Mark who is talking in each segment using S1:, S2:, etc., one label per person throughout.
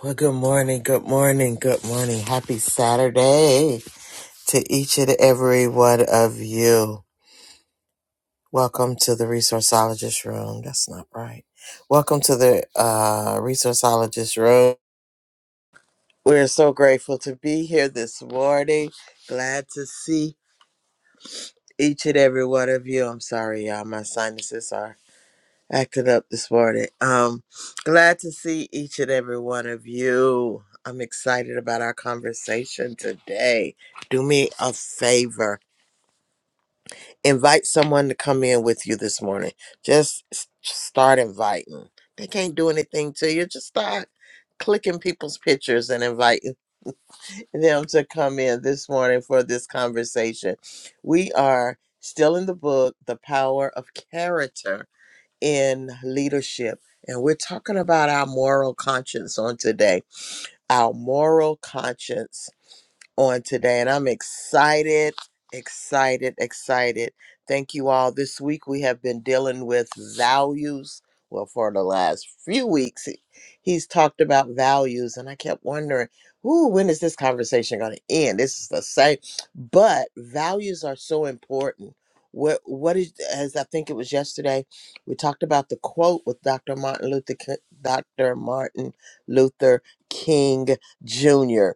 S1: Well, good morning, good morning, good morning. Happy Saturday to each and every one of you. Welcome to the Resourceologist Room. That's not right. Welcome to the uh, Resourceologist Room. We're so grateful to be here this morning. Glad to see each and every one of you. I'm sorry, y'all. My sinuses are acting up this morning. Um, glad to see each and every one of you. I'm excited about our conversation today. Do me a favor, invite someone to come in with you this morning. Just s- start inviting. They can't do anything to you. Just start clicking people's pictures and inviting them to come in this morning for this conversation. We are still in the book, The Power of Character in leadership. And we're talking about our moral conscience on today. Our moral conscience on today, and I'm excited, excited, excited. Thank you all. This week we have been dealing with values. Well, for the last few weeks, he- he's talked about values, and I kept wondering, ooh, when is this conversation going to end? This is the same, but values are so important. What what is as I think it was yesterday, we talked about the quote with Dr. Martin Luther Ki- Dr. Martin Luther King Jr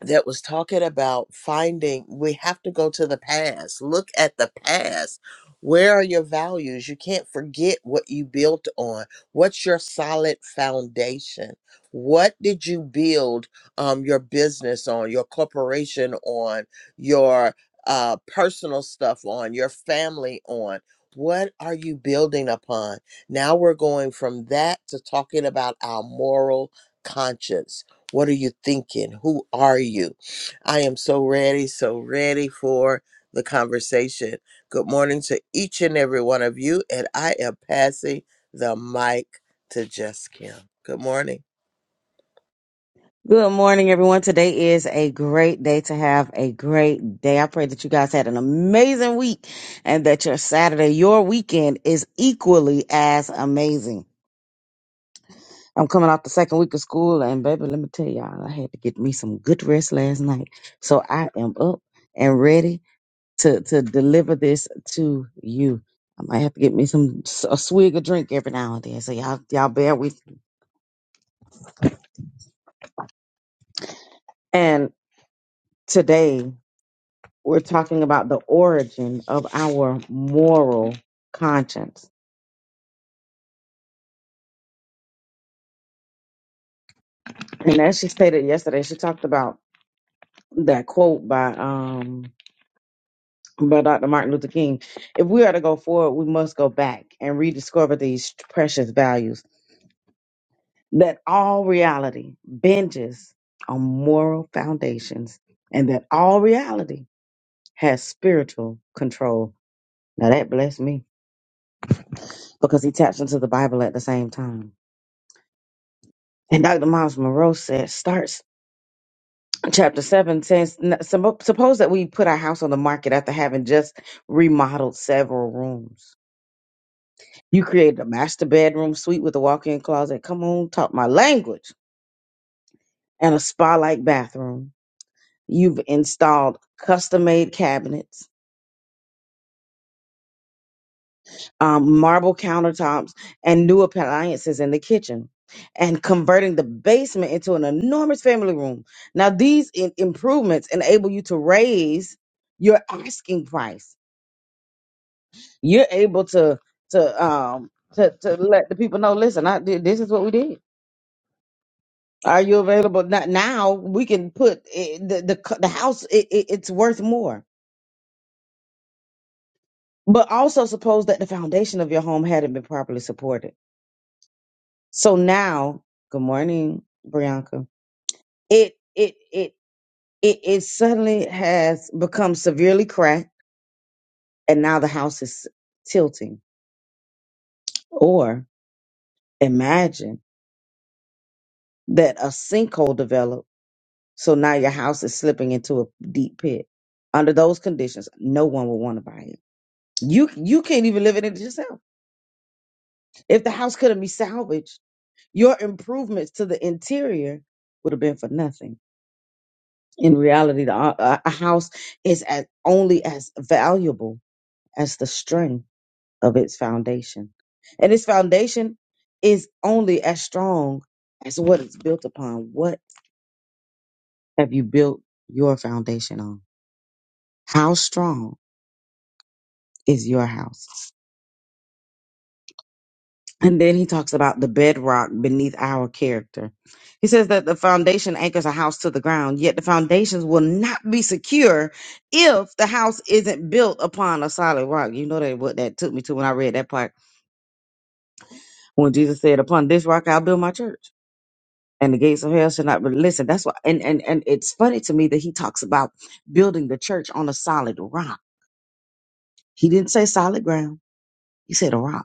S1: that was talking about finding we have to go to the past look at the past where are your values you can't forget what you built on what's your solid foundation what did you build um, your business on your corporation on your uh, personal stuff on your family on what are you building upon now we're going from that to talking about our moral conscience what are you thinking? Who are you? I am so ready, so ready for the conversation. Good morning to each and every one of you. And I am passing the mic to Jess Kim. Good morning.
S2: Good morning, everyone. Today is a great day to have a great day. I pray that you guys had an amazing week and that your Saturday, your weekend is equally as amazing. I'm coming off the second week of school and baby, let me tell y'all, I had to get me some good rest last night. So I am up and ready to, to deliver this to you. I might have to get me some a swig of drink every now and then. So y'all, y'all bear with me. And today. we're talking about the origin of our moral conscience. And as she stated yesterday, she talked about that quote by um by Dr. Martin Luther King. If we are to go forward, we must go back and rediscover these precious values. That all reality binges on moral foundations, and that all reality has spiritual control. Now that blessed me because he taps into the Bible at the same time. And Dr. Miles Monroe said, start chapter 7 says "N- sup- suppose that we put our house on the market after having just remodeled several rooms you created a master bedroom suite with a walk-in closet come on talk my language and a spa-like bathroom you've installed custom-made cabinets um, marble countertops and new appliances in the kitchen and converting the basement into an enormous family room now these i- improvements enable you to raise your asking price You're able to to um to to let the people know. Listen, I did. This is what we did. Are you available not now? We can put it, the the c- the house. It, it, it's worth more. But also suppose that the foundation of your home hadn't been properly supported. So now, good morning, Brianka. It it it it it suddenly has become severely cracked, and now the house is tilting. Or imagine that a sinkhole develops So now your house is slipping into a deep pit. Under those conditions, no one would want to buy it. You you can't even live in it yourself. If the house couldn't be salvaged, your improvements to the interior would have been for nothing. In reality, the, uh, a, a house is as, only as valuable as the strength of its foundation, and its foundation is only as strong as what it's built upon. What have you built your foundation on? How strong? is your house. And then he talks about the bedrock beneath our character. He says that the foundation anchors a house to the ground, yet the foundations will not be secure if the house isn't built upon a solid rock. You know that what that took me to when I read that part when Jesus said, Upon this rock I'll build my church. And the gates of hell should not be listen. That's why and, and and it's funny to me that he talks about building the church on a solid rock. He didn't say solid ground. He said a rock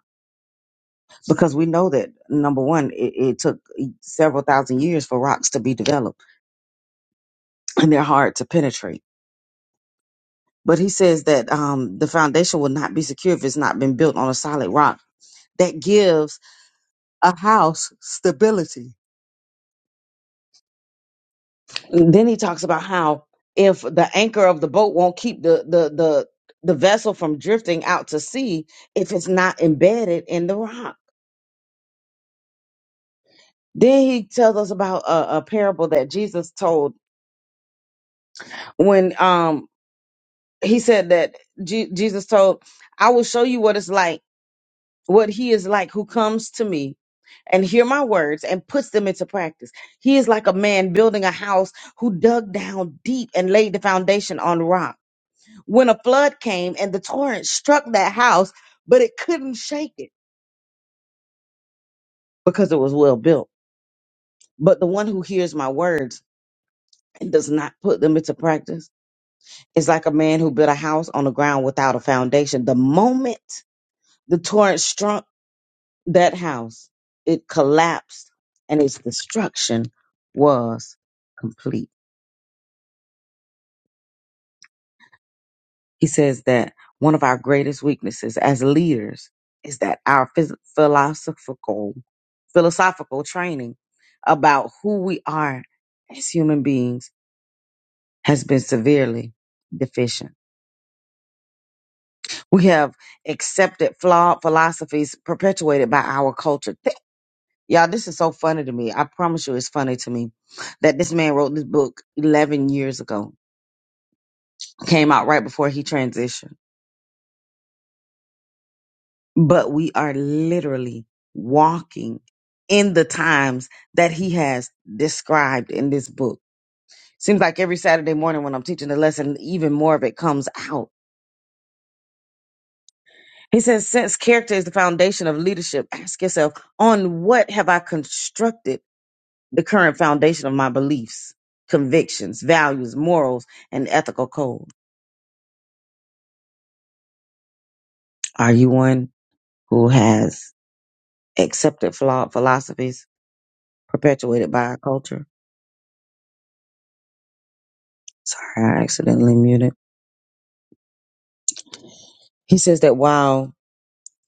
S2: because we know that number one, it, it took several thousand years for rocks to be developed, and they're hard to penetrate. But he says that um, the foundation will not be secure if it's not been built on a solid rock. That gives a house stability. And then he talks about how if the anchor of the boat won't keep the the the the vessel from drifting out to sea if it's not embedded in the rock. Then he tells us about a, a parable that Jesus told when um he said that Je- Jesus told, I will show you what it's like, what he is like who comes to me and hear my words and puts them into practice. He is like a man building a house who dug down deep and laid the foundation on rock. When a flood came and the torrent struck that house, but it couldn't shake it because it was well built. But the one who hears my words and does not put them into practice is like a man who built a house on the ground without a foundation. The moment the torrent struck, that house, it collapsed and its destruction was complete. He says that one of our greatest weaknesses as leaders is that our phys- philosophical philosophical training about who we are as human beings has been severely deficient. We have accepted flawed philosophies perpetuated by our culture Y'all, this is so funny to me. I promise you it's funny to me that this man wrote this book 11 years ago, came out right before he transitioned. But we are literally walking in the times that he has described in this book. Seems like every Saturday morning when I'm teaching the lesson, even more of it comes out. He says, since character is the foundation of leadership, ask yourself, on what have I constructed? the current foundation of my beliefs, convictions, values, morals, and ethical code? Are you one who has accepted flawed philosophies perpetuated by our culture? Sorry, I accidentally muted. He says that while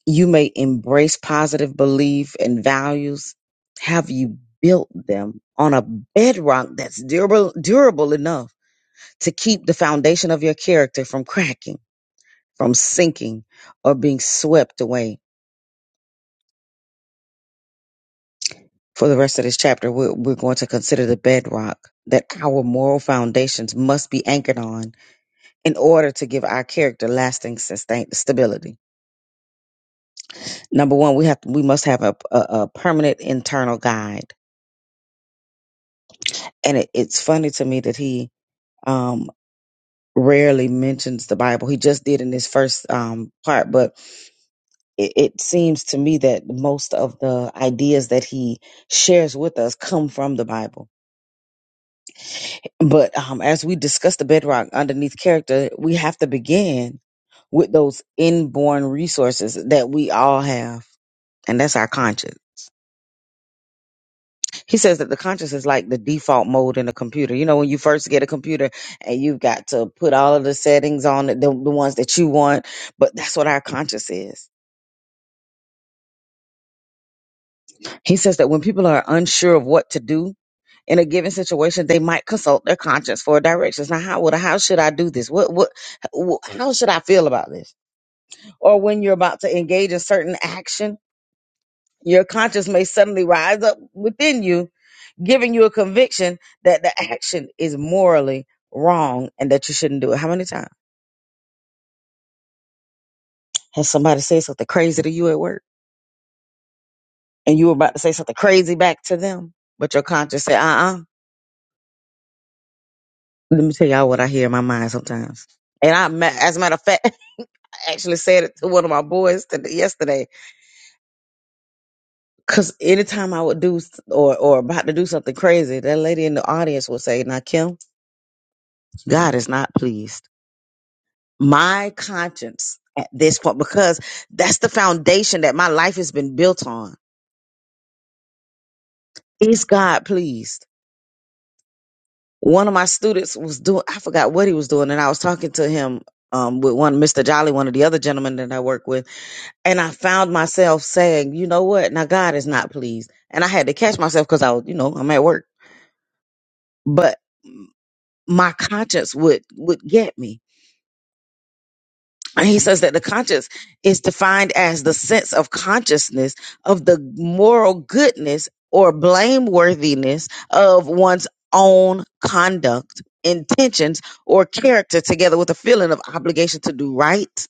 S2: you may embrace positive belief and values, have you built them on a bedrock that's durable, durable enough to keep the foundation of your character from cracking, from sinking, or being swept away? For the rest of this chapter, we're, we're going to consider the bedrock that our moral foundations must be anchored on in order to give our character lasting sustain, stability. Number one, we have to, we must have a, a, a permanent internal guide, and it, it's funny to me that he um, rarely mentions the Bible. He just did in his first um, part, but it, it seems to me that most of the ideas that he shares with us come from the Bible But um, as we discuss the bedrock underneath character, we have to begin with those inborn resources that we all have. And that's our conscience. He says that the conscience is like the default mode in a computer. You know, when you first get a computer and you've got to put all of the settings on it, the, the ones that you want, but that's what our conscience is. He says that when people are unsure of what to do in a given situation, they might consult their conscience for directions. Now, how would I, how should I do this? What, what, wh- how should I feel about this? or when you're about to engage a certain action, your conscience may suddenly rise up within you, giving you a conviction that the action is morally wrong and that you shouldn't do it. How many times has somebody said something crazy to you at work and you were about to say something crazy back to them, but your conscience said, uh uh Let me tell y'all what I hear in my mind sometimes. And I, ma- as a matter of fact, I actually said it to one of my boys today, yesterday. Cause anytime I would do s- or, or about to do something crazy, that lady in the audience would say, now Kim, God is not pleased. My conscience at this point, because that's the foundation that my life has been built on. Is God pleased? One of my students was doing, I forgot what he was doing, and I was talking to him um, with one, Mr. Jolly, one of the other gentlemen that I work with, and I found myself saying, you know what? Now God is not pleased. And I had to catch myself because I was, you know, I'm at work. But my conscience would would get me And he says that the conscience is defined as the sense of consciousness of the moral goodness or blameworthiness of one's own conduct, intentions, or character, together with a feeling of obligation to do right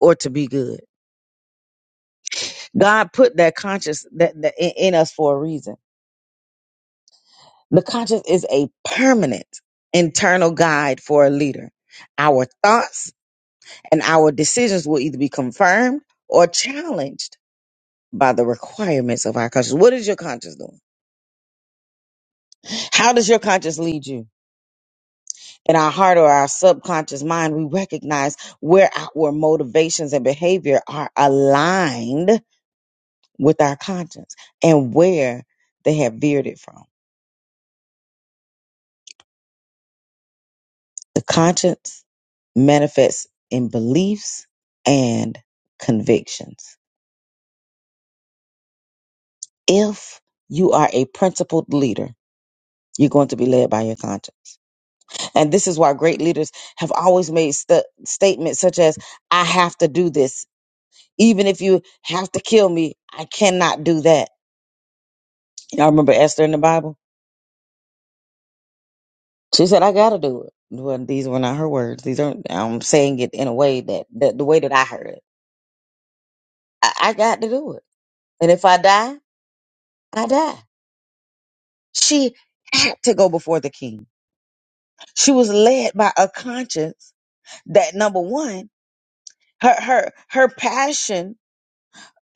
S2: or to be good. God put that conscience that, that in, in us for a reason. The conscience is a permanent internal guide for a leader. Our thoughts and our decisions will either be confirmed or challenged by the requirements of our conscience. What is your conscience doing? How does your conscience lead you? In our heart or our subconscious mind, we recognize where our motivations and behavior are aligned with our conscience and where they have veered it from. The conscience manifests in beliefs and convictions. If you are a principled leader, you're going to be led by your conscience And this is why great leaders have always made st- statements such as, I have to do this. Even if you have to kill me, I cannot do that. Y'all remember Esther in the Bible? She said, I got to do it. Well, these were not her words. These aren't, I'm saying it in a way that, that the way that I heard it. I, I got to do it. And if I die, I die. She had to go before the king. She was led by a conscience that number one, her, her, her passion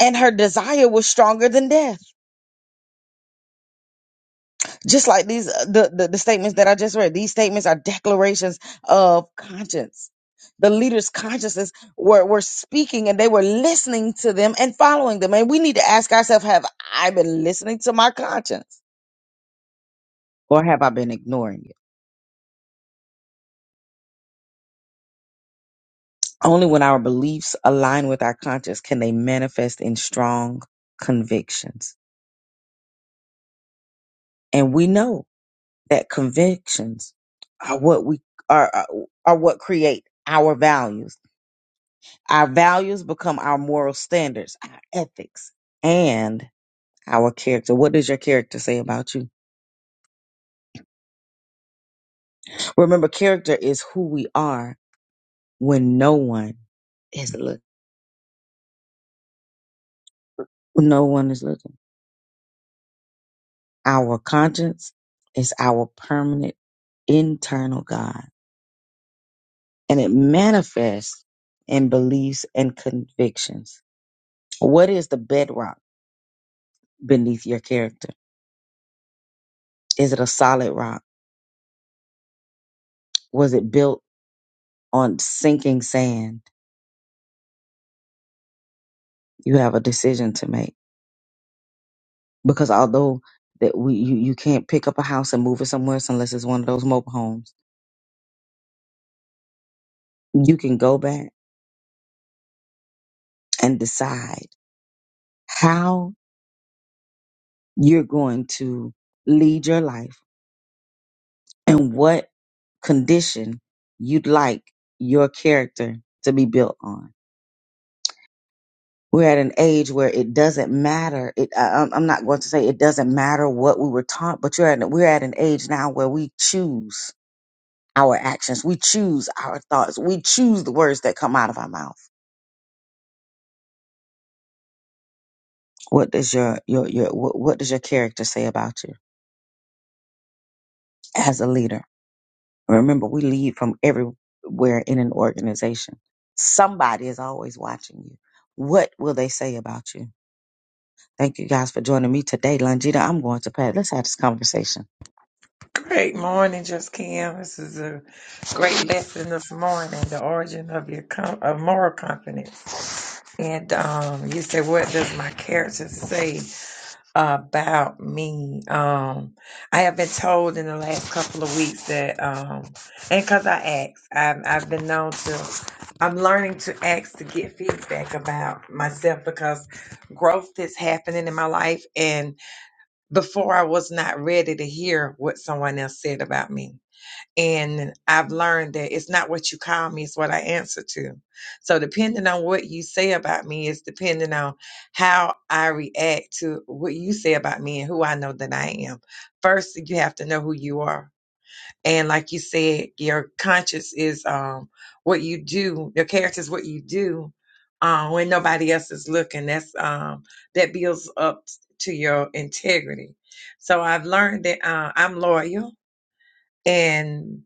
S2: and her desire was stronger than death Just like these, uh, the, the, the statements that I just read, these statements are declarations of conscience. The leaders' consciences were, were speaking and they were listening to them and following them. And we need to ask ourselves, have I been listening to my conscience or have I been ignoring it? Only when our beliefs align with our conscience can they manifest in strong convictions. And we know that convictions are what we are, are are what create our values Our values become our moral standards, our ethics, and our character. What does your character say about you? Remember, character is who we are when no one is looking. When no one is looking. Our conscience is our permanent internal God, and it manifests in beliefs and convictions. What is the bedrock beneath your character? Is it a solid rock? Was it built on sinking sand? You have a decision to make. because although that we you, you can't pick up a house and move it somewhere else unless it's one of those mobile homes, you can go back and decide how you're going to lead your life and what condition you'd like your character to be built on. We're at an age where it doesn't matter. It, I, I'm I'm not going to say it doesn't matter what we were taught, but you're at, we're at an age now where we choose our actions. We choose our thoughts. We choose the words that come out of our mouth What does your your your what, what does your character say about you as a leader? Remember, we lead from everywhere in an organization. Somebody is always watching you. What will they say about you? Thank you guys for joining me today, Longita. I'm going to Pat. Let's have this conversation.
S3: Great morning, Just Kim. This is a great lesson this morning. The origin of your com- of moral confidence, and um, you said, "What does my character say about me?" Um, I have been told in the last couple of weeks that, um, and because I ask, I've, I've been known to. I'm learning to ask to get feedback about myself because growth is happening in my life, and before I was not ready to hear what someone else said about me and I've learned that it's not what you call me, it's what I answer to. So depending on what you say about me is depending on how I react to what you say about me and who I know that I am. First, you have to know who you are. And like you said, your conscience is um what you do, your character is what you do um when nobody else is looking. That's um that builds up to your integrity. So I've learned that uh, I'm loyal and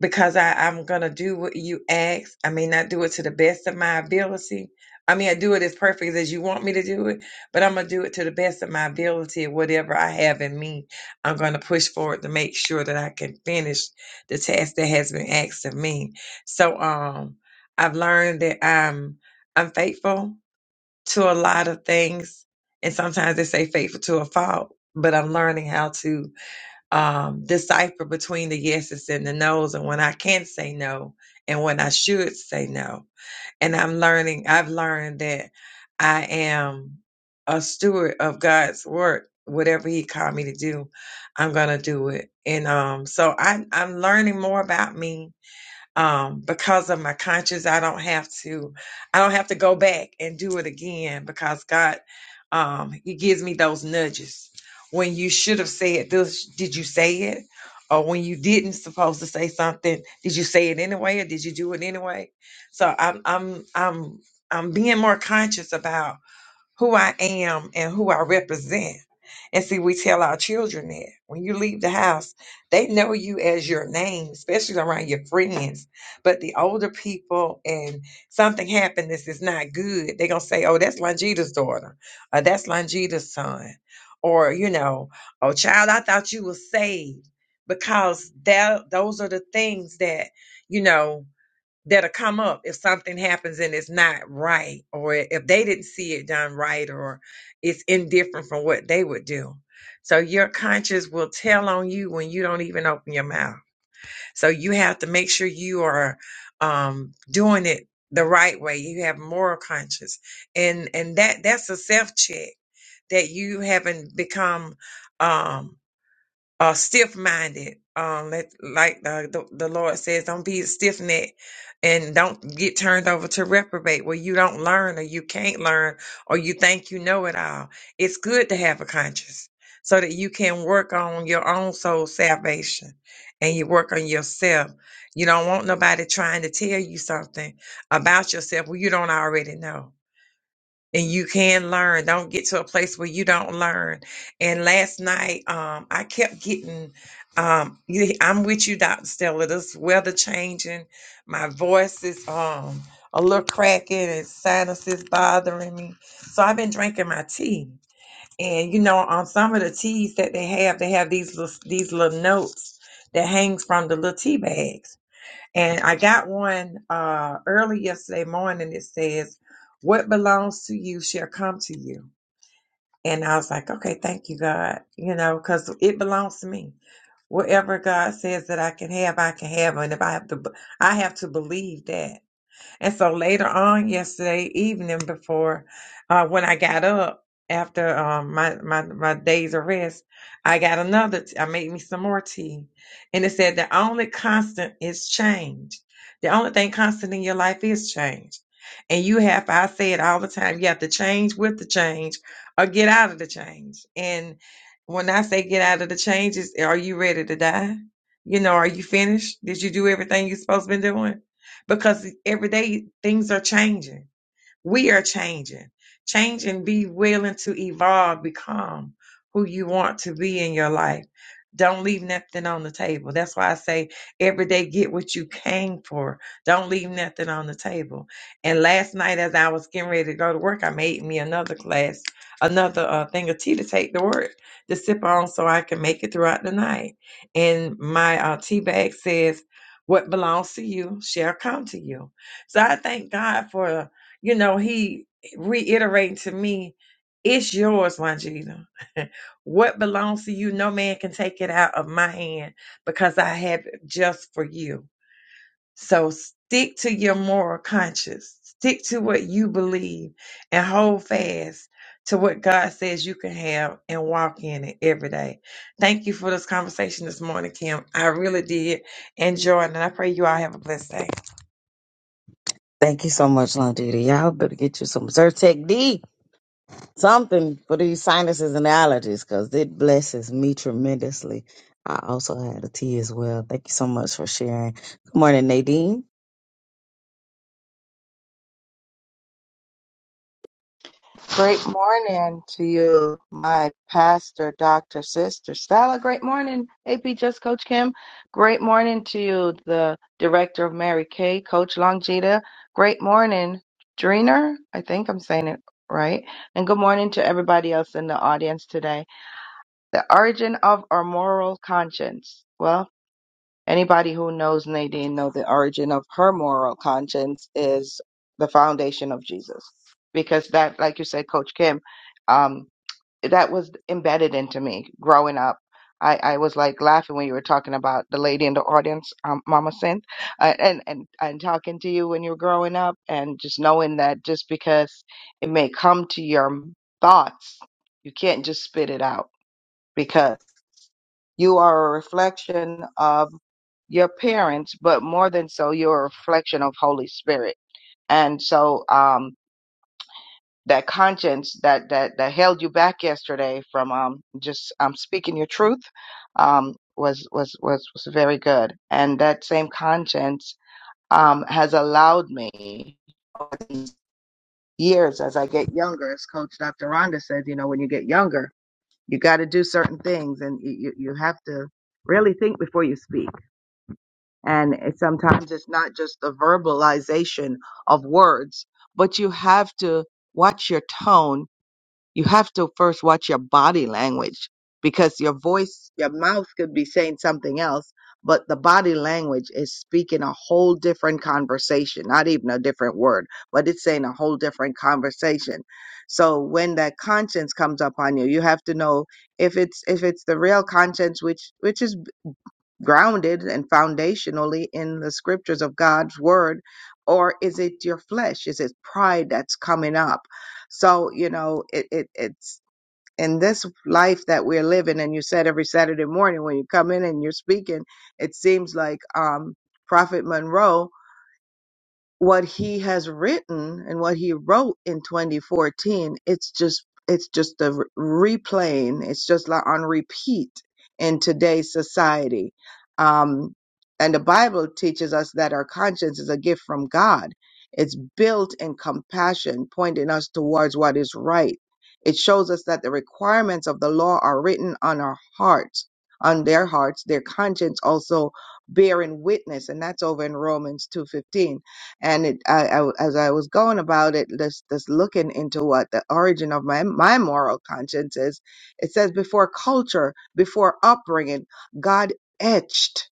S3: because I, I'm gonna do what you ask. I may not do it to the best of my ability. I mean, I do it as perfect as you want me to do it, but I'm gonna do it to the best of my ability. Whatever I have in me, I'm gonna push forward to make sure that I can finish the task that has been asked of me. So, um, I've learned that I'm I'm faithful to a lot of things, and sometimes they say faithful to a fault. But I'm learning how to um, decipher between the yeses and the nos and when I can not say no and when I should say no. And I'm learning, I've learned that I am a steward of God's work. Whatever he called me to do, I'm gonna do it. And um, so I, I'm learning more about me um, because of my conscience, I don't have to, I don't have to go back and do it again because God, um, He gives me those nudges when you should have said this. Did you say it? Or when you didn't supposed to say something, did you say it anyway, or did you do it anyway? So I'm, I'm, I'm, I'm being more conscious about who I am and who I represent. And see, we tell our children that when you leave the house, they know you as your name, especially around your friends. But the older people and something happened this is not good, they're gonna say, Oh, that's Longita's daughter, or that's Longita's son, or you know, oh child, I thought you were saved. Because that those are the things that, you know, that'll come up if something happens and it's not right, or if they didn't see it done right, or it's indifferent from what they would do. So your conscience will tell on you when you don't even open your mouth. So you have to make sure you are um, doing it the right way. You have moral conscience, and and that that's a self check that you haven't become. Um, uh, stiff minded. Um, let, like the, the the Lord says, don't be stiff necked and don't get turned over to reprobate where you don't learn or you can't learn or you think you know it all. It's good to have a conscience so that you can work on your own soul salvation and you work on yourself. You don't want nobody trying to tell you something about yourself where you don't already know and you can learn. Don't get to a place where you don't learn. And last night, um, I kept getting. Um, you- I'm with you, Doctor Stella. This weather changing. My voice is um a little cracking, and sinuses bothering me. So I've been drinking my tea, and you know, on some of the teas that they have, they have these little, these little notes that hangs from the little tea bags. And I got one uh, early yesterday morning. It says, What belongs to you shall come to you. And I was like, Okay, thank you, God, you know, because it belongs to me. Whatever God says that I can have, I can have. And if I have to, I have to believe that. And so later on yesterday evening, before uh, when I got up after um, my, my my days of rest, I got another. T- I made me some more tea, and it said the only constant is change. The only thing constant in your life is change, and you have. I say it all the time. You have to change with the change, or get out of the change. And when I say get out of the changes, are you ready to die? You know, are you finished? Did you do everything you're supposed to be doing? because every day things are changing. We are changing. Change and be willing to evolve, become who you want to be in your life. Don't leave nothing on the table. That's why I say every day get what you came for. Don't leave nothing on the table. And last night, as I was getting ready to go to work, I made me another glass, another uh, thing of tea to take to work to sip on so I can make it throughout the night. And my uh, tea bag says, What belongs to you shall come to you. So I thank God for you know, he reiterated to me, it's yours, Longita. what belongs to you, no man can take it out of my hand because I have it just for you. So stick to your moral conscience, stick to what you believe, and hold fast to what God says you can have and walk in it every day. Thank you for this conversation this morning, Kim. I really did enjoy it, and I pray you all have a blessed day.
S2: Thank you so much, Longita. Y'all better get you some Zyrtec D, something for these sinuses and allergies, because it blesses me tremendously. I also had a tea as well. Thank you so much for sharing. Good morning, Nadine.
S4: Great morning to you, my pastor, Dr. Sister Stella. Great morning, AP Just Coach Kim. Great morning to you, the director of Mary Kay, Coach Longita. Great morning, Dreener. I think I'm saying it right. And good morning to everybody else in the audience today. The origin of our moral conscience. Well. Anybody who knows Nadine know the origin of her moral conscience is the foundation of Jesus, because that, like you said, Coach Kim, um, that was embedded into me growing up. I, I was like laughing when you were talking about the lady in the audience, um, Mama Synth, uh, and and and talking to you when you were growing up, and just knowing that just because it may come to your thoughts, you can't just spit it out you are a reflection of your parents, but more than so, you're a reflection of Holy Spirit. And so, um, that conscience that, that, that held you back yesterday from, um, just, um, speaking your truth, um, was, was, was, was very good. And that same conscience, um, has allowed me over these years as I get younger, as Coach Dr. Rhonda says, you know, when you get younger, you got to do certain things and you, you you have to really think before you speak And it- sometimes it's not just the verbalization of words, but you have to watch your tone. You have to first watch your body language because your voice, your mouth could be saying something else, but the body language is speaking a whole different conversation, not even a different word, but it's saying a whole different conversation. So when that conscience comes upon you, you have to know if it's if it's the real conscience, which which is grounded and foundationally in the scriptures of God's word? Or is it your flesh? Is it pride that's coming up? So, you know, it, it it's in this life that we're living, and you said every Saturday morning when you come in and you're speaking, it seems like um Prophet Monroe what he has written and what he wrote in 2014 it's just it's just a re- replaying it's just like on repeat in today's society um and the bible teaches us that our conscience is a gift from god it's built in compassion pointing us towards what is right it shows us that the requirements of the law are written on our hearts on their hearts their conscience also bearing witness and that's over in romans two fifteen and it I, I w- as I was going about it, this this looking into what the origin of my my moral conscience is, it says before culture, before upbringing, God etched.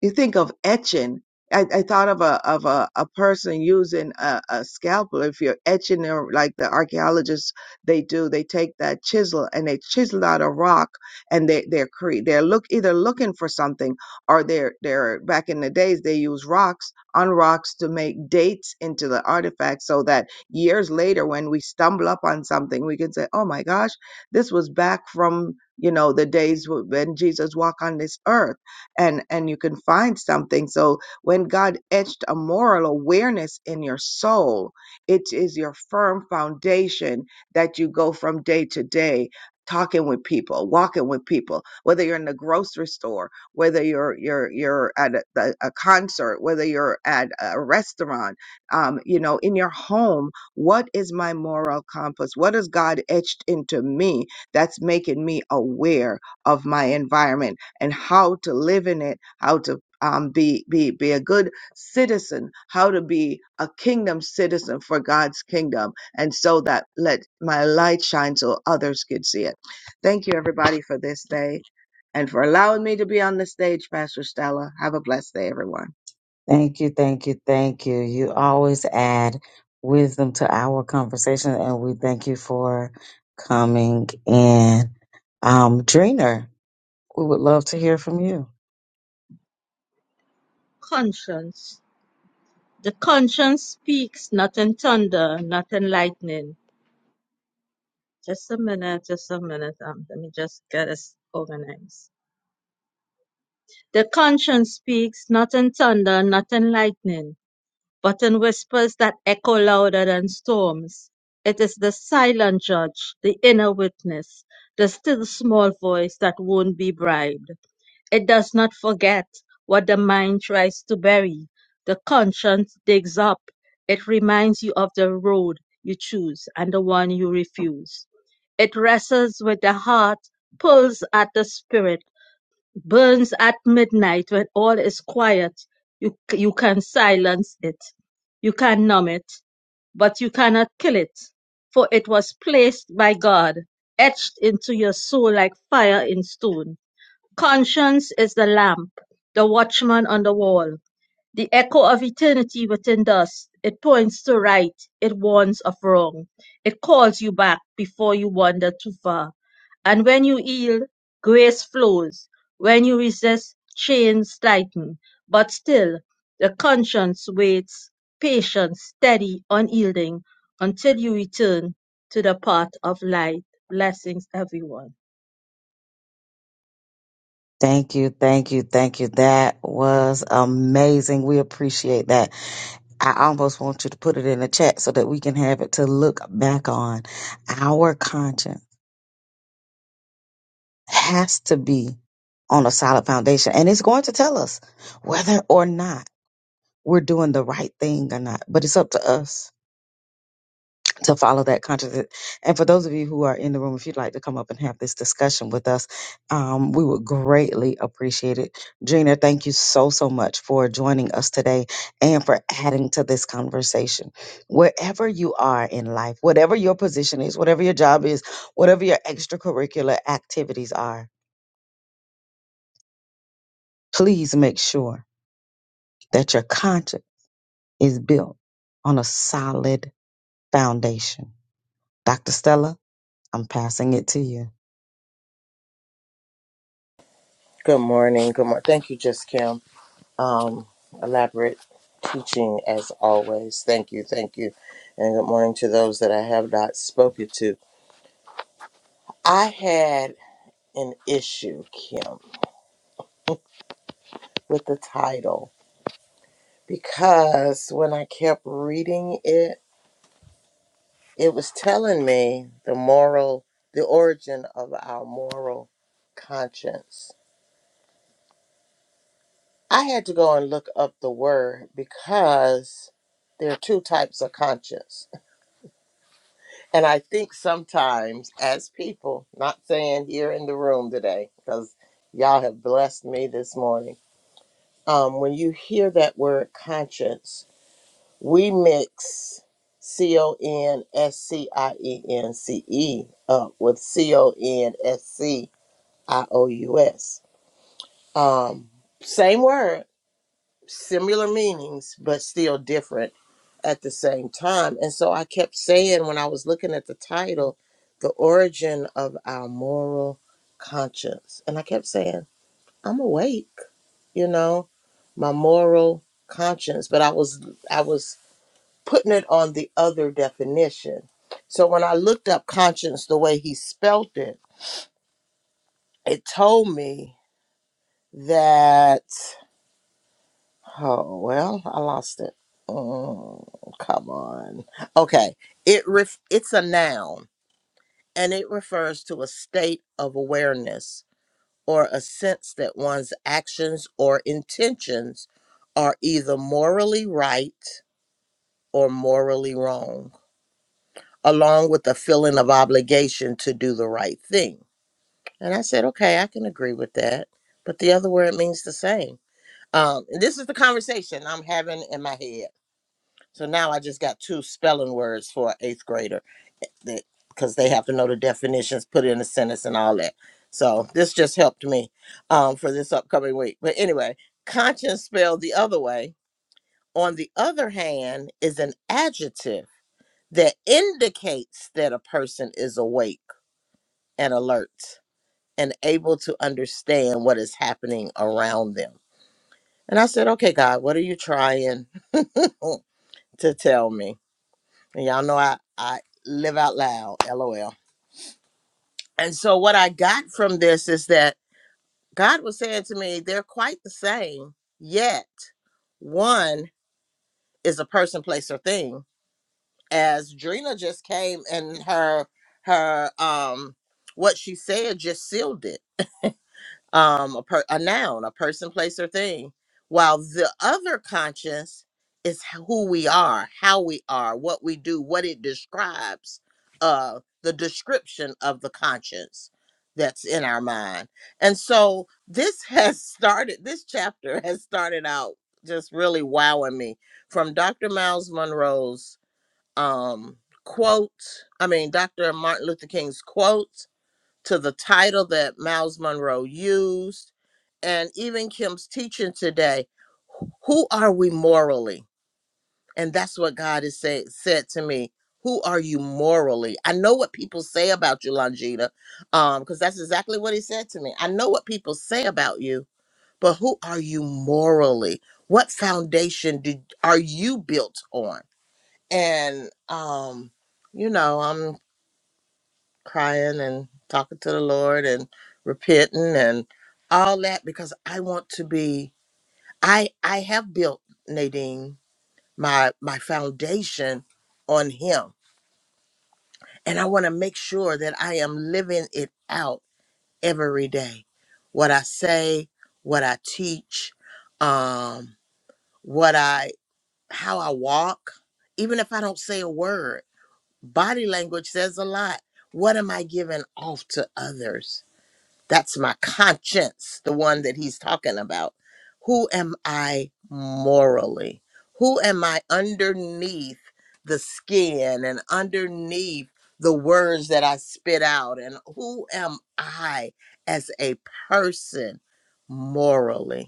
S4: You think of etching. I, I thought of a of a, a person using a, a scalpel. If you're etching, or like the archaeologists they do, they take that chisel and they chisel out a rock, and they they're cre- they're look either looking for something or they're they're back in the days they use rocks on rocks to make dates into the artifacts, so that years later when we stumble up on something, we can say, oh my gosh, this was back from you know the days when Jesus walked on this earth and and you can find something so when god etched a moral awareness in your soul it is your firm foundation that you go from day to day talking with people walking with people whether you're in the grocery store whether you're you're you're at a, the- a concert whether you're at a restaurant um, you know in your home what is my moral compass what has god etched into me that's making me aware of my environment and how to live in it, how to um, be be be a good citizen, how to be a kingdom citizen for God's kingdom, and so that let my light shine so others could see it. Thank you everybody for this day and for allowing me to be on the stage, Pastor Stella. Have a blessed day, everyone.
S2: Thank you, thank you, thank you. You always add wisdom to our conversation, and we thank you for coming in. Um, Dreener, we would love to hear from you.
S5: Conscience. The conscience speaks, not in thunder, not in lightning. Just a minute, just a minute. Um, let me just get this organized. The conscience speaks, not in thunder, not in lightning, but in whispers that echo louder than storms. It is the silent judge, the inner witness, the still small voice that won't be bribed. It does not forget what the mind tries to bury. The conscience digs up. It reminds you of the road you choose and the one you refuse. It wrestles with the heart, pulls at the spirit, burns at midnight when all is quiet. You, you can silence it. You can numb it, but you cannot kill it. For it was placed by God, etched into your soul like fire in stone. Conscience is the lamp, the watchman on the wall, the echo of eternity within dust. It points to right, it warns of wrong. It calls you back before you wander too far. And when you yield, grace flows. When you resist, chains tighten. But still, the conscience waits, patient, steady, unyielding, until you return to the path of light. Blessings, everyone.
S2: Thank you, thank you, thank you. That was amazing. We appreciate that. I almost want you to put it in the chat so that we can have it to look back on. Our conscience has to be on a solid foundation, and it's going to tell us whether or not we're doing the right thing or not. But it's up to us to follow that conscience. And for those of you who are in the room, if you'd like to come up and have this discussion with us, um, we would greatly appreciate it. Gina, thank you so, so much for joining us today and for adding to this conversation. Wherever you are in life, whatever your position is, whatever your job is, whatever your extracurricular activities are, please make sure that your conscience is built on a solid foundation Dr. Stella, I'm passing it to you.
S1: Good morning. Good morning. Thank you, Just Kim. Um, elaborate teaching as always. Thank you. Thank you. And good morning to those that I have not spoken to. I had an issue, Kim, with the title. because when I kept reading it, it was telling me the moral, the origin of our moral conscience. I had to go and look up the word because there are two types of conscience. And I think sometimes, as people, not saying here in the room today, because y'all have blessed me this morning, um, when you hear that word conscience, We mix C O N S C I E N C E up with C O N S C I O U S. Um, same word, similar meanings, but still different at the same time. And so I kept saying when I was looking at the title, The Origin of Our Moral Conscience. And I kept saying, I'm awake, you know, my moral conscience. But I was, I was putting it on the other definition. So when I looked up conscience the way he spelt it, it told me that, oh, well, I lost it. Oh come on. Okay. It ref- it's a noun and it refers to a state of awareness or a sense that one's actions or intentions are either morally right or morally wrong. along with a feeling of obligation to do the right thing. And I said, okay, I can agree with that. But the other word means the same. Um, and this is the conversation I'm having in my head. So now I just got two spelling words for an eighth grader that because they have to know the definitions, put in a sentence, and all that. So this just helped me um, for this upcoming week. But anyway, conscience spelled the other way, on the other hand, is an adjective that indicates that a person is awake and alert and able to understand what is happening around them. And I said, Okay, God, what are you trying to tell me? And y'all know I, I live out loud, lol. And so, what I got from this is that God was saying to me, they're quite the same, yet one is a person, place, or thing. As Drina just came and her, her, um, what she said just sealed it um, a, per- a noun, a person, place, or thing, while the other conscience is h- who we are, how we are, what we do, what it describes, uh, the description of the conscience that's in our mind. And so this has started, this chapter has started out just really wowing me from Dr. Miles Monroe's um, quote, I mean, Dr. Martin Luther King's quote to the title that Miles Monroe used, and even Kim's teaching today. Who are we morally? And that's what God has say, said to me. Who are you morally? I know what people say about you, Longita, um, because that's exactly what he said to me. I know what people say about you, but who are you morally? What foundation did are you built on? And um, you know, I'm crying and talking to the Lord and repenting and all that because I want to be I I have built Nadine my my foundation on him and I want to make sure that I am living it out every day what I say what I teach um what I how I walk even if I don't say a word body language says a lot what am I giving off to others That's my conscience, the one that he's talking about. Who am I morally? Who am I underneath the skin and underneath the words that I spit out? And who am I as a person morally?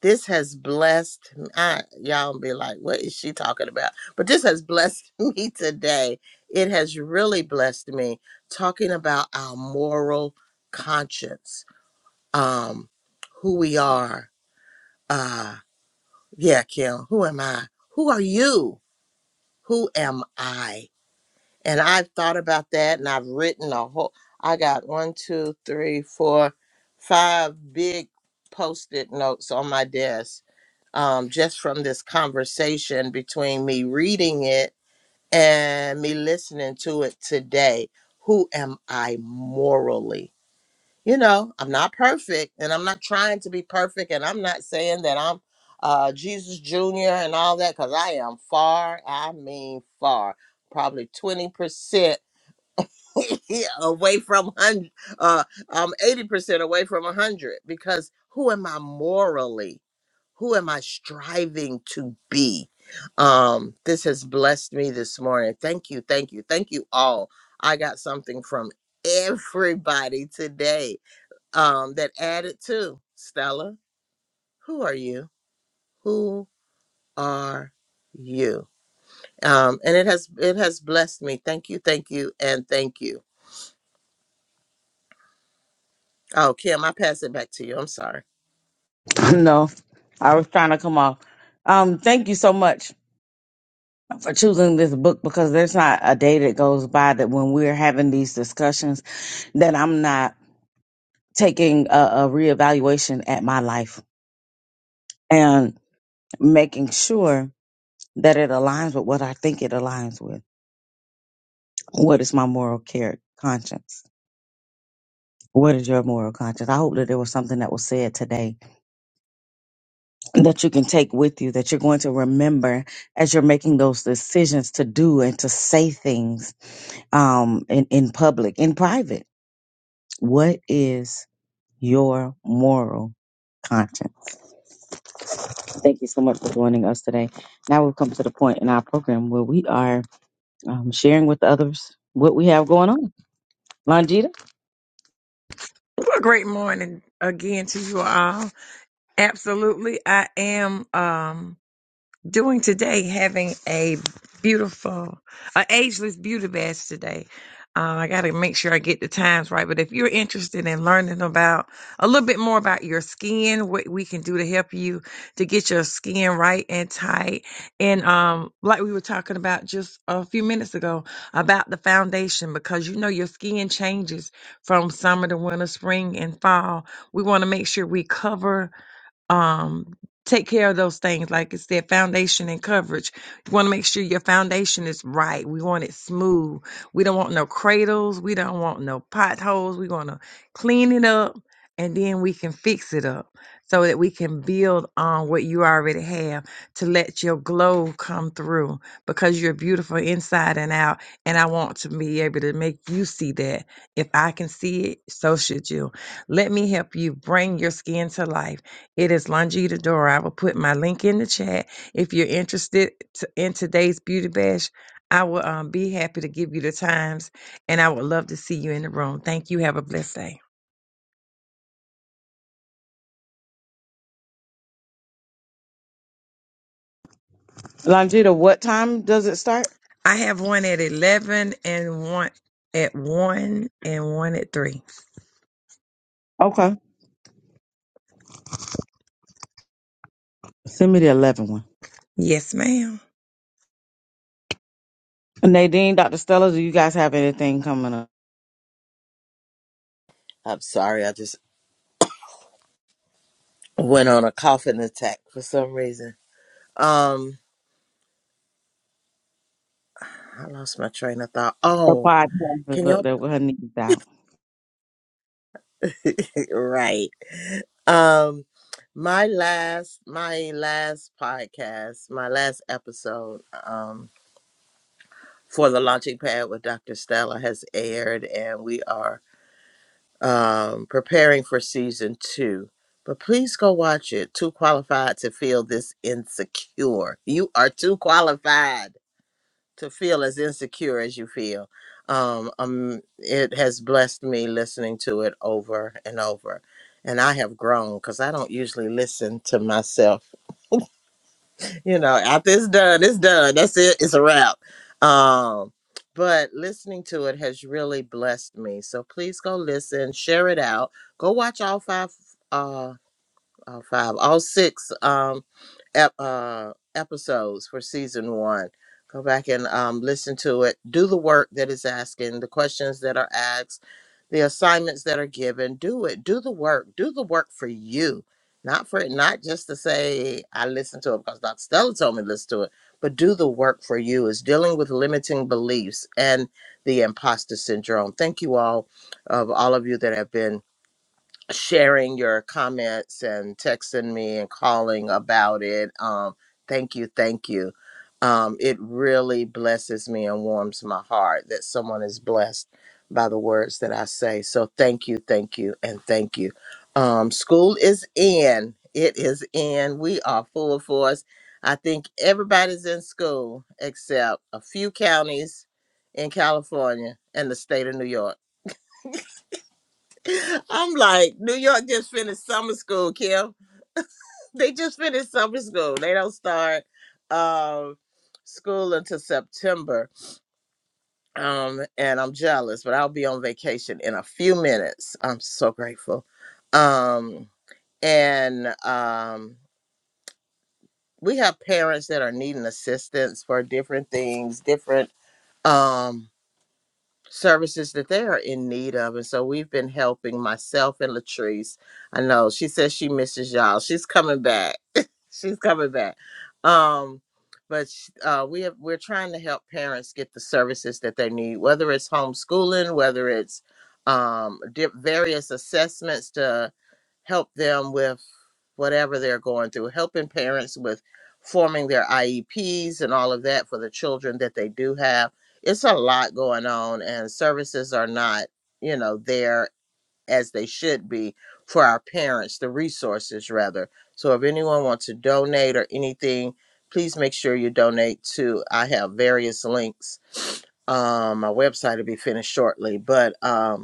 S1: this has blessed m- I, y'all be like what is she talking about but this has blessed me today it has really blessed me talking about our moral conscience um who we are uh yeah kim who am i who are you who am i and i've thought about that and i've written a whole i got one two three four five big post-it notes on my desk um, just from this conversation between me reading it and me listening to it today. Who am I morally? You know, I'm not perfect and I'm not trying to be perfect. And I'm not saying that I'm uh, Jesus Jr. and all that because I am far, I mean, far, probably 20% away from hundred. Uh, I'm eighty percent away from a hundred because who am I morally? Who am I striving to be? Um, this has blessed me this morning. Thank you, thank you, thank you all. I got something from everybody today um, that added to Stella. Who are you? Who are you? Um, and it has it has blessed me. Thank you, thank you, and thank you. Oh, Kim, I pass it back to you. I'm sorry.
S2: no, I was trying to come off. Um, thank you so much for choosing this book because there's not a day that goes by that when we're having these discussions that I'm not taking a, a reevaluation at my life and making sure that it aligns with what I think it aligns with. What is my moral care conscience? What is your moral conscience? I hope that there was something that was said today that you can take with you that you're going to remember as you're making those decisions to do and to say things um, in, in public, in private. What is your moral content? Thank you so much for joining us today. Now we've come to the point in our program where we are um, sharing with others what we have going on. Longita,
S3: Well, great morning again to you all. Absolutely. I am um, doing today, having a beautiful, a ageless beauty bash today. Uh, I got to make sure I get the times right. But if you're interested in learning about a little bit more about your skin, what we can do to help you to get your skin right and tight, and um, like we were talking about just a few minutes ago about the foundation, because you know your skin changes from summer to winter, spring, and fall. We want to make sure we cover um take care of those things like I said foundation and coverage you want to make sure your foundation is right we want it smooth we don't want no cradles we don't want no potholes we want to clean it up and then we can fix it up so that we can build on what you already have to let your glow come through because you're beautiful inside and out and i want to be able to make you see that if i can see it so should you let me help you bring your skin to life it is Longita Dora. I will put my link in the chat. If you're interested t- in today's beauty bash, I will um, be happy to give you the times and I would love to see you in the room. Thank you. Have a blessed day.
S2: Longita, what time does it start?
S3: I have one at 11 and one at 1 and one at 3.
S2: Okay, send me the eleven one.
S3: Yes, ma'am.
S2: Nadine, Dr. Stella, do you guys have anything coming up?
S1: I'm sorry. I just went on a coughing attack for some reason. Um, I lost my train of thought.
S2: Her
S1: Oh,
S2: podcast is
S1: can
S2: up
S1: y'all
S2: there with her knees out.
S1: right? Um, my last, my last podcast, my last episode, um, for the launching pad with Dr. Stella has aired, and we are um preparing for season two. But please go watch it. Too qualified to feel this insecure. You are too qualified to feel as insecure as you feel. Um, um, it has blessed me listening to it over and over. And I have grown because I don't usually listen to myself. You know, after it's done, it's done. That's it. It's a wrap. Um, but listening to it has really blessed me. So please go listen, share it out. Go watch all five, uh, all five, all six. um ep- uh, episodes for season one. Go back and um, listen to it. Do the work that is asking, the questions that are asked, the assignments that are given. Do it. Do the work. Do the work for you, not for not just to say I listened to it because Dr. Stella told me to listen to it, but do the work for you. Is dealing with limiting beliefs and the imposter syndrome. Thank you all of all of you that have been sharing your comments and texting me and calling about it. Um, thank you, thank you. Um, it really blesses me and warms my heart that someone is blessed by the words that I say. So thank you, thank you, and thank you. Um, school is in. It is in. We are full force. I think everybody's in school except a few counties in California and the state of New York. I'm like, New York just finished summer school, Kim. They just finished summer school. They don't start um school until September. Um, and I'm jealous, but I'll be on vacation in a few minutes. I'm so grateful. Um, and um we have parents that are needing assistance for different things, different um services that they are in need of. And so we've been helping myself and Latrice. I know she says she misses y'all. She's coming back. She's coming back. Um, but sh- uh, we have, we're trying to help parents get the services that they need, whether it's homeschooling, whether it's um, di- various assessments to help them with whatever they're going through, helping parents with forming their IEPs and all of that for the children that they do have. It's a lot going on, and services are not, you know, there as they should be for our parents, the resources rather. So if anyone wants to donate or anything, please make sure you donate to, I have various links. Um, my website will be finished shortly, but um,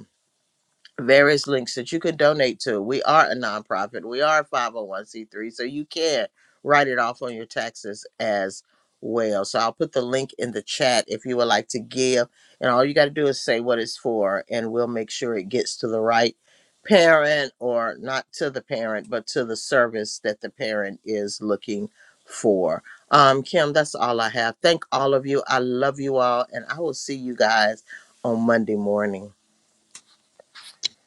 S1: various links that you can donate to. We are a nonprofit. We are a 501c3, so you can write it off on your taxes as well. So I'll put the link in the chat if you would like to give. And all you got to do is say what it's for, and we'll make sure it gets to the right parent or not to the parent, but to the service that the parent is looking for. Um, Kim, that's all I have. Thank all of you. I love you all, and I will see you guys on Monday morning.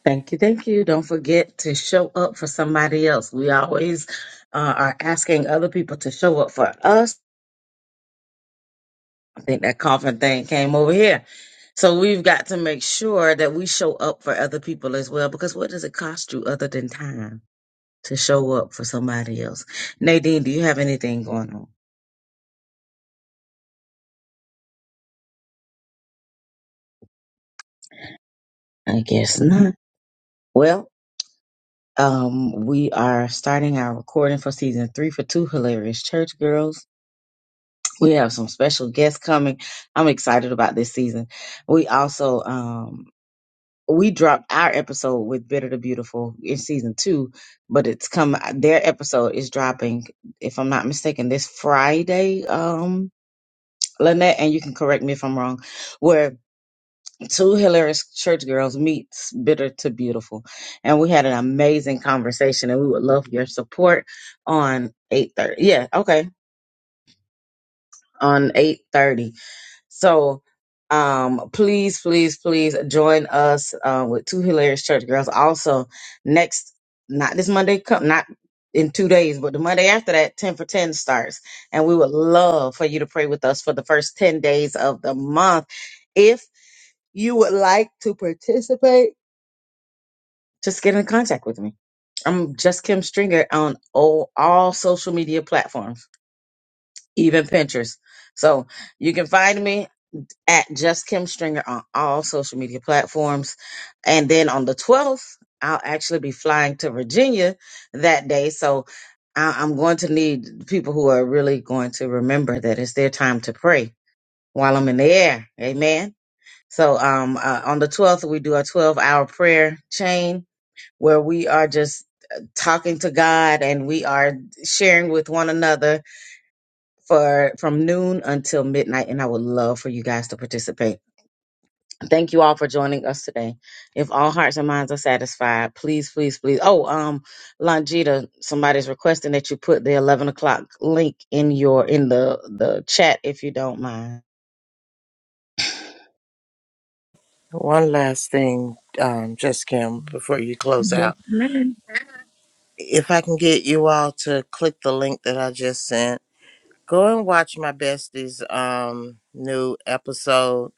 S2: Thank you, thank you. Don't forget to show up for somebody else. We always uh, are asking other people to show up for us. I think that coffin thing came over here. So we've got to make sure that we show up for other people as well because what does it cost you other than time to show up for somebody else? Nadine, do you have anything going on? I guess not. Well, um, we are starting our recording for season three for Two Hilarious Church Girls. We have some special guests coming. I'm excited about this season. We also um we dropped our episode with Bitter to Beautiful in season two, but it's come their episode is dropping, if I'm not mistaken, this Friday, um, Lynette, and you can correct me if I'm wrong, where two hilarious church girls meets Bitter to Beautiful. And we had an amazing conversation and we would love your support on eight thirty. Yeah, okay. On eight thirty. So um please, please, please join us uh, with two hilarious church girls. Also, next not this Monday come not in two days, but the Monday after that, 10 for 10 starts. And we would love for you to pray with us for the first 10 days of the month. If you would like to participate, just get in contact with me. I'm just Kim Stringer on all, all social media platforms, even Pinterest. So you can find me at Just Kim Stringer on all social media platforms. And then on the 12th, I'll actually be flying to Virginia that day. So I- I'm going to need people who are really going to remember that it's their time to pray while I'm in the air. Amen. So um, uh, on the 12th, we do a 12 hour prayer chain where we are just uh, talking to God and we are sharing with one another for from noon until midnight and I would love for you guys to participate. Thank you all for joining us today. If all hearts and minds are satisfied, please, please, please. Oh, um, Longita, somebody's requesting that you put the eleven o'clock link in your in the the chat if you don't mind.
S1: One last thing, um, just Kim, before you close
S3: Yes,
S1: out.
S3: ma'am.
S1: If I can get you all to click the link that I just sent, go and watch my bestie's um, new episode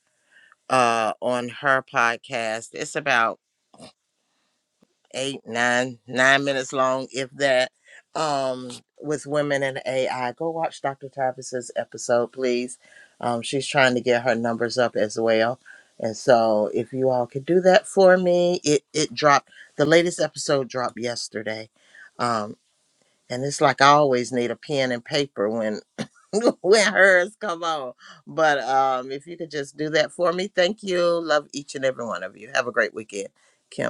S1: uh, on her podcast. It's about eight, nine, nine minutes long, if that, um, with women and AI. Go watch Dr. Tavis's episode, please. Um, she's trying to get her numbers up as well. And so if you all could do that for me, it, it dropped the latest episode dropped yesterday. Um, and it's like I always need a pen and paper when when hers come on. But um if you could just do that for me, thank you. Love each and every one of you. Have a great weekend. Kim.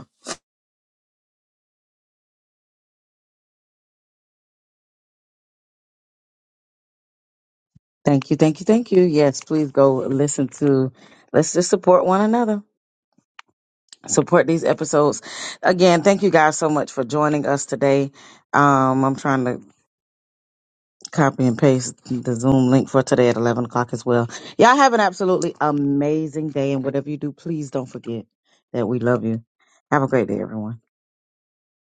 S2: Thank you, thank you, thank you. Yes, please go listen to. Let's just support one another. Support these episodes. Again, thank you guys so much for joining us today. Um, I'm trying to copy and paste the Zoom link for today at 11 o'clock as well. Y'all have an absolutely amazing day. And whatever you do, please don't forget that we love you. Have a great day, everyone.